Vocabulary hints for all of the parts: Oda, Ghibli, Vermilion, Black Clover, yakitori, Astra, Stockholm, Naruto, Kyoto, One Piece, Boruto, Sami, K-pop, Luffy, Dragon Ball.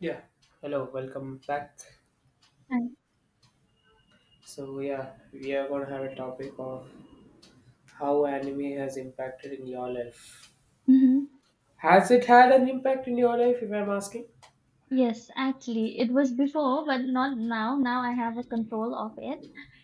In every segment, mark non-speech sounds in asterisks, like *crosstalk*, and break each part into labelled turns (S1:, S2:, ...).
S1: Yeah, hello, welcome back.
S2: And
S1: So, yeah, we are going to have a topic of how anime has impacted in your life.
S2: hmm
S1: Has it had an impact in your life, if I'm asking?
S2: yes, actually, it was before, but not now. Now I have a control of it.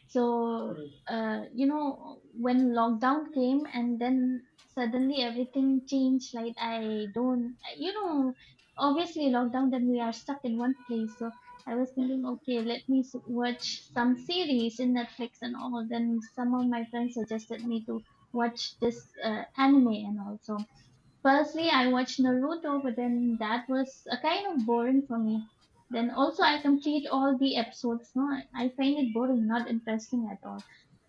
S2: So,
S1: Mm.
S2: when lockdown came and then suddenly everything changed. Like I don't, you know, obviously lockdown. Then we are stuck in one place. So I was thinking, okay, let me watch some series in Netflix and all. Then some of my friends suggested me to watch this anime and also. Firstly, I watched Naruto, but then that was a kind of boring for me. Then also I complete all the episodes. No, I find it boring, not interesting at all.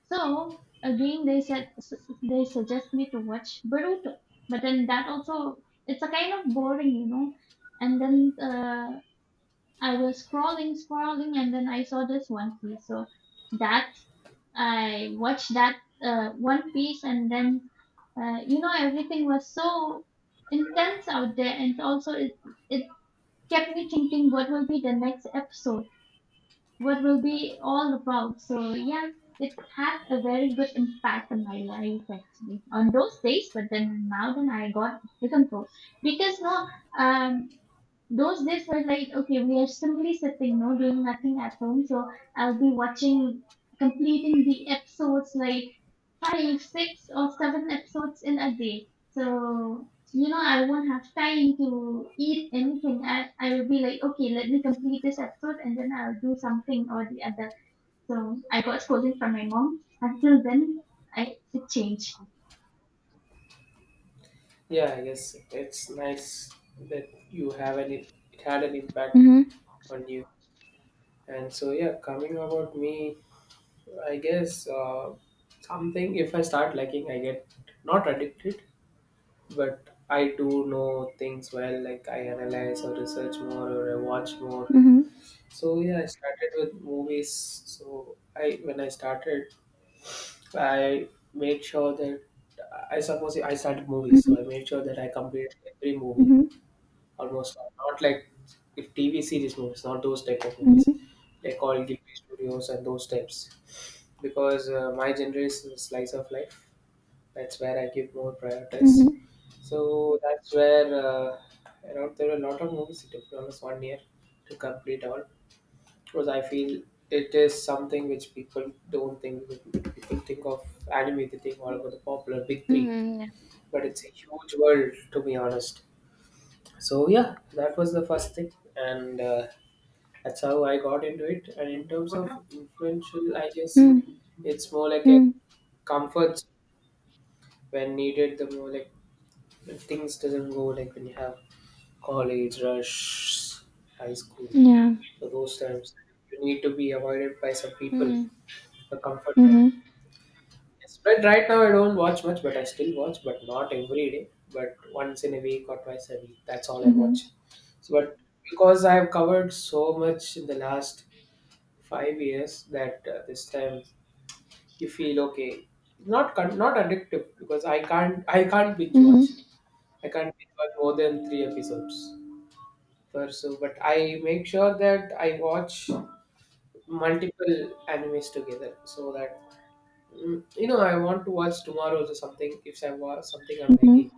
S2: So again, they suggest me to watch Boruto, but then that also it's a kind of boring, And then I was scrolling, and then I saw this One Piece. So that I watched that One Piece, and then you know everything was so intense out there, and also it kept me thinking what will be the next episode, what will be all about. So yeah, it had a very good impact on my life actually on those days. But then now then I got become pro because no um those days were like, okay, we are simply sitting, no, doing nothing at home. So I'll be watching, completing the episodes like five, six, or seven episodes in a day. So, you know, I won't have time to eat anything. I will be like, okay, let me complete this episode and then I'll do something or the other. So I got scolding from my mom. Until then, I it changed.
S1: Yeah, I guess it's nice that you have an it had an impact on you. And so, yeah, coming about me, I guess something if I start liking, I get not addicted, but I do know things well, like I analyze or research more or I watch more.
S2: Mm-hmm.
S1: So yeah, I started with movies. So I When I started, I made sure that I suppose I started movies. So I made sure that I completed every movie
S2: Mm-hmm.
S1: almost. Not like if TV series movies, not those type of movies,
S2: Mm-hmm.
S1: like all Ghibli studios and those types. Because my generation is slice of life. That's where I give more prioritize. So that's where around there were a lot of movies. It took me almost one year to complete all, because I feel it is something which people don't think. People think of anime, they think all about the popular big three,
S2: Mm-hmm.
S1: but it's a huge world to be honest. So yeah, that was the first thing, and that's how I got into it. And in terms of influential, I guess
S2: Mm-hmm.
S1: it's more like a comfort zone when needed. The more like when things doesn't go, like when you have college rush, high school.
S2: Yeah.
S1: So those times you need to be avoided by some people.
S2: Mm-hmm. Yeah.
S1: The comfort
S2: Mhm,
S1: Yes, but right now I don't watch much, but I still watch, but not every day, but once in a week or twice a week. That's all I
S2: mhm,
S1: watch. So, but because I have covered so much in the last 5 years, that this time you feel okay. Not not addictive because I can't binge
S2: mhm,
S1: watch. I can't binge watch more than three episodes per so. But I make sure that I watch multiple animes together so that, I want to watch tomorrow or something. If I watch something I'm
S2: mhm,
S1: liking,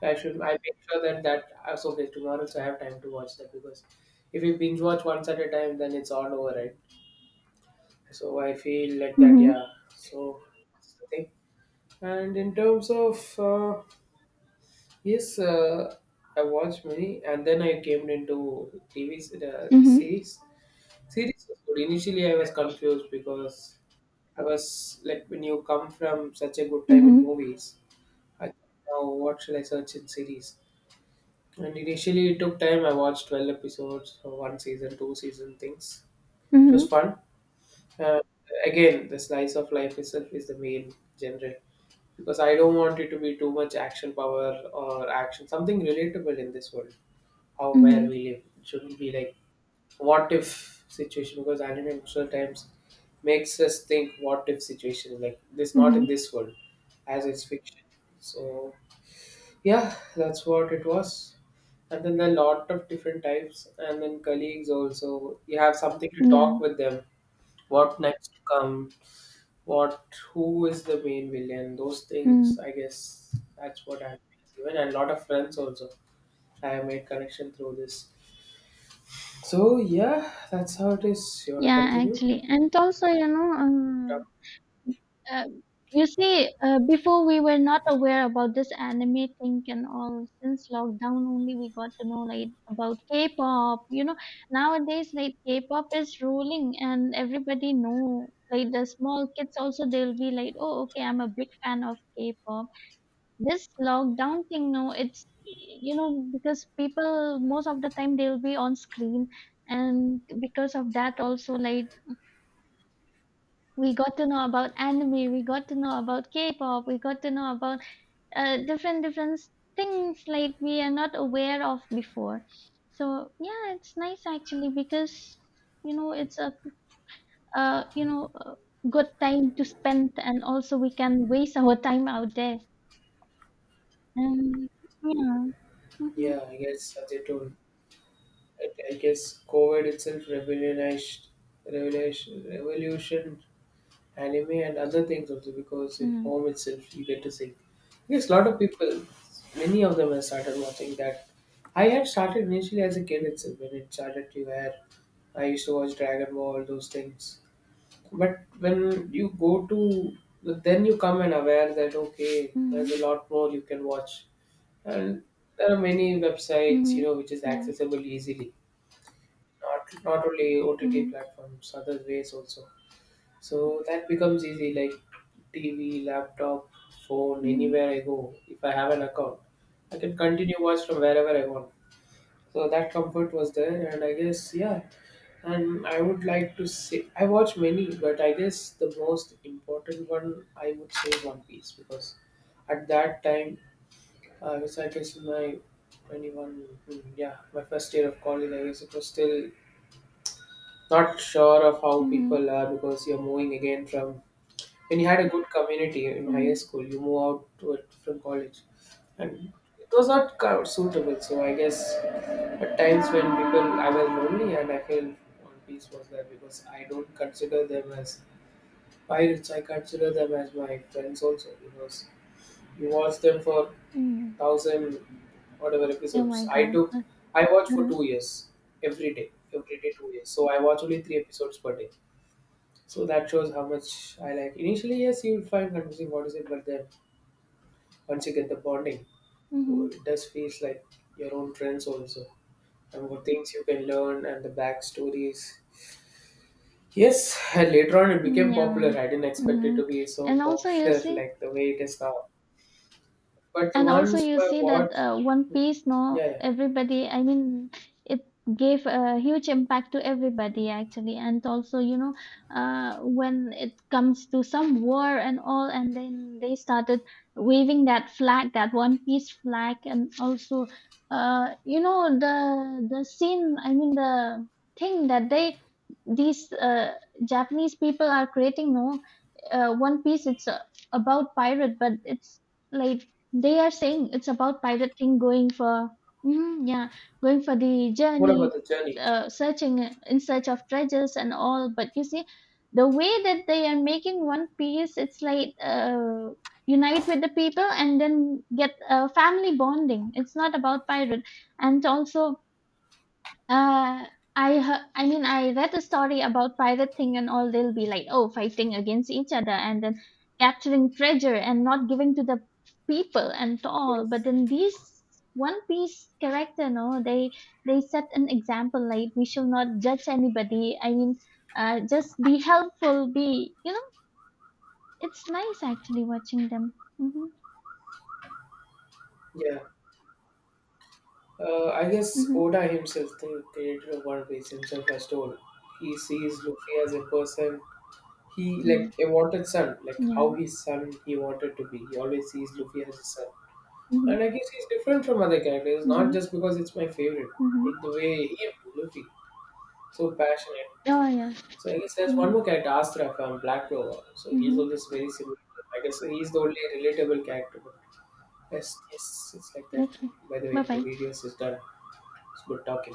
S1: I should. I make sure that so okay tomorrow, so I have time to watch that, because if you binge watch once at a time, then it's all over, right? So I feel like that,
S2: mhm,
S1: yeah. So that's the thing. And in terms of yes, I watched many, and then I came into TV the
S2: mhm,
S1: series. Series was good. Initially, I was confused because I was like, when you come from such a good time in
S2: mhm,
S1: movies, I think, now what shall I search in series? And initially it took time. I watched 12 episodes, so one season, two season things. It was
S2: mhm,
S1: fun. Uh, Again, the slice of life itself is the main genre because I don't want it to be too much action power or action. Something relatable in this world, how where
S2: mhm,
S1: we live. It shouldn't be like what if situation, because anime sometimes makes us think what if situation like this not
S2: mhm.
S1: in this world, as it's fiction. So yeah, that's what it was. And then there are a lot of different types, and then colleagues also. You have something to
S2: Yeah,
S1: talk with them. What next to come? What? Who is the main villain? Those things,
S2: mm.
S1: I guess that's what I've given, and a lot of friends also. I have made connection through this. So yeah, that's how it is. You wanna
S2: Yeah,
S1: continue?
S2: actually. And also, you know, uh, you see, before we were not aware about this anime thing and all. Since lockdown only, we got to know like about K-pop. You know, nowadays like K-pop is ruling, and everybody know. Like the small kids also, they'll be like, "Oh, okay, I'm a big fan of K-pop." This lockdown thing, no, it's you know because people most of the time they'll be on screen, and because of that also, like, we got to know about anime, we got to know about K-pop, we got to know about different different things like we are not aware of before. So yeah, it's nice actually because you know it's a a good time to spend, and also we can waste our time out there and yeah. Mm-hmm.
S1: Yeah, I guess as you told, I guess COVID itself revolutionized, revolution, revolution anime and other things also, because at
S2: Mm-hmm.
S1: home itself you get to see. Yes, a lot of people, many of them have started watching that. I had started initially as a kid itself when it started to air. I used to watch Dragon Ball, those things. But when you go to, then you come and aware that okay, there's
S2: Mhm,
S1: a lot more you can watch, and there are many websites,
S2: mhm,
S1: which is
S2: yeah,
S1: accessible easily. Not only OTT
S2: mhm,
S1: platforms, other ways also. So that becomes easy like TV, laptop, phone,
S2: mhm,
S1: anywhere I go. If I have an account, I can continue watch from wherever I want. So that comfort was there, and I guess, yeah. And I would like to say, I watch many, but I guess the most important one I would say is One Piece because at that time, I was, I guess, in my 21, yeah, my first year of college, I guess. It was still not sure of how
S2: mhm,
S1: people are because you're moving again from. When you had a good community in higher
S2: mhm,
S1: school, you move out to a different college, and it was not kind of suitable. So I guess at times when people I was lonely and I feel One Piece was there because I don't consider them as pirates. I consider them as my friends also because you watch them for
S2: mm.
S1: thousand whatever
S2: Oh my
S1: episodes.
S2: God.
S1: I watched for
S2: Mhm,
S1: 2 years, every day 2 years. So I watch only three episodes per day. So that shows how much I like. Initially, yes, you will find confusing what is it, but then once you get the bonding, oh, it
S2: mhm,
S1: does feels like your own friends also, and what things you can learn, and the backstories. Yes, and later on it
S2: mm,
S1: became
S2: yeah,
S1: popular. I didn't expect it
S2: mhm.
S1: to be so
S2: And also, you
S1: popular *laughs*
S2: see,
S1: like the way it is now. But the
S2: and also
S1: ones
S2: you
S1: who have
S2: see that
S1: watched,
S2: one
S1: hmm,
S2: piece,
S1: yeah,
S2: no,
S1: yeah.
S2: everybody, I mean, it gave a huge impact to everybody actually. And also, you know, when it comes to some war and all, and then they started waving that flag, that one piece flag. And also you know the scene, I mean the thing that they, these japanese people are creating, no, one piece, it's about pirate, but it's like they are saying it's about pirate thing going for mm, yeah, going for the
S1: What about
S2: journey,
S1: the journey?
S2: searching in search of treasures and all. But you see, the way that they are making One Piece, it's like unite with the people and then get a family bonding. It's not about pirate, and also uh, I heard, I mean, I read a story about pirate thing and all. They'll be like, oh, fighting against each other and then capturing treasure and not giving to the people and all.
S1: Yes,
S2: But then these One Piece character, no, they set an example like we shall not judge anybody. I mean, just be helpful. Be you know, it's nice actually watching them. Mm-hmm.
S1: yeah. I guess
S2: Mm-hmm.
S1: Oda himself, the creator of One Piece himself, has told he sees Luffy as a person. He
S2: Mm.
S1: like a wanted son, like how
S2: Yeah.
S1: his son he wanted to be. He always sees Luffy as his son, and
S2: Mm-hmm.
S1: I guess he's different from other characters. Not
S2: Mm-hmm.
S1: just because it's my favorite, but
S2: Mm-hmm.
S1: the way he Luffy so passionate.
S2: Oh yeah.
S1: So I guess there's one
S2: Mm-hmm.
S1: more character, Astra from Black Clover. So he's
S2: Mm-hmm.
S1: also very similar. I guess he's the only relatable character. But yes, yes, it's like that.
S2: Okay.
S1: By the way,
S2: Bye
S1: the
S2: bye.
S1: videos is done. It's good talking.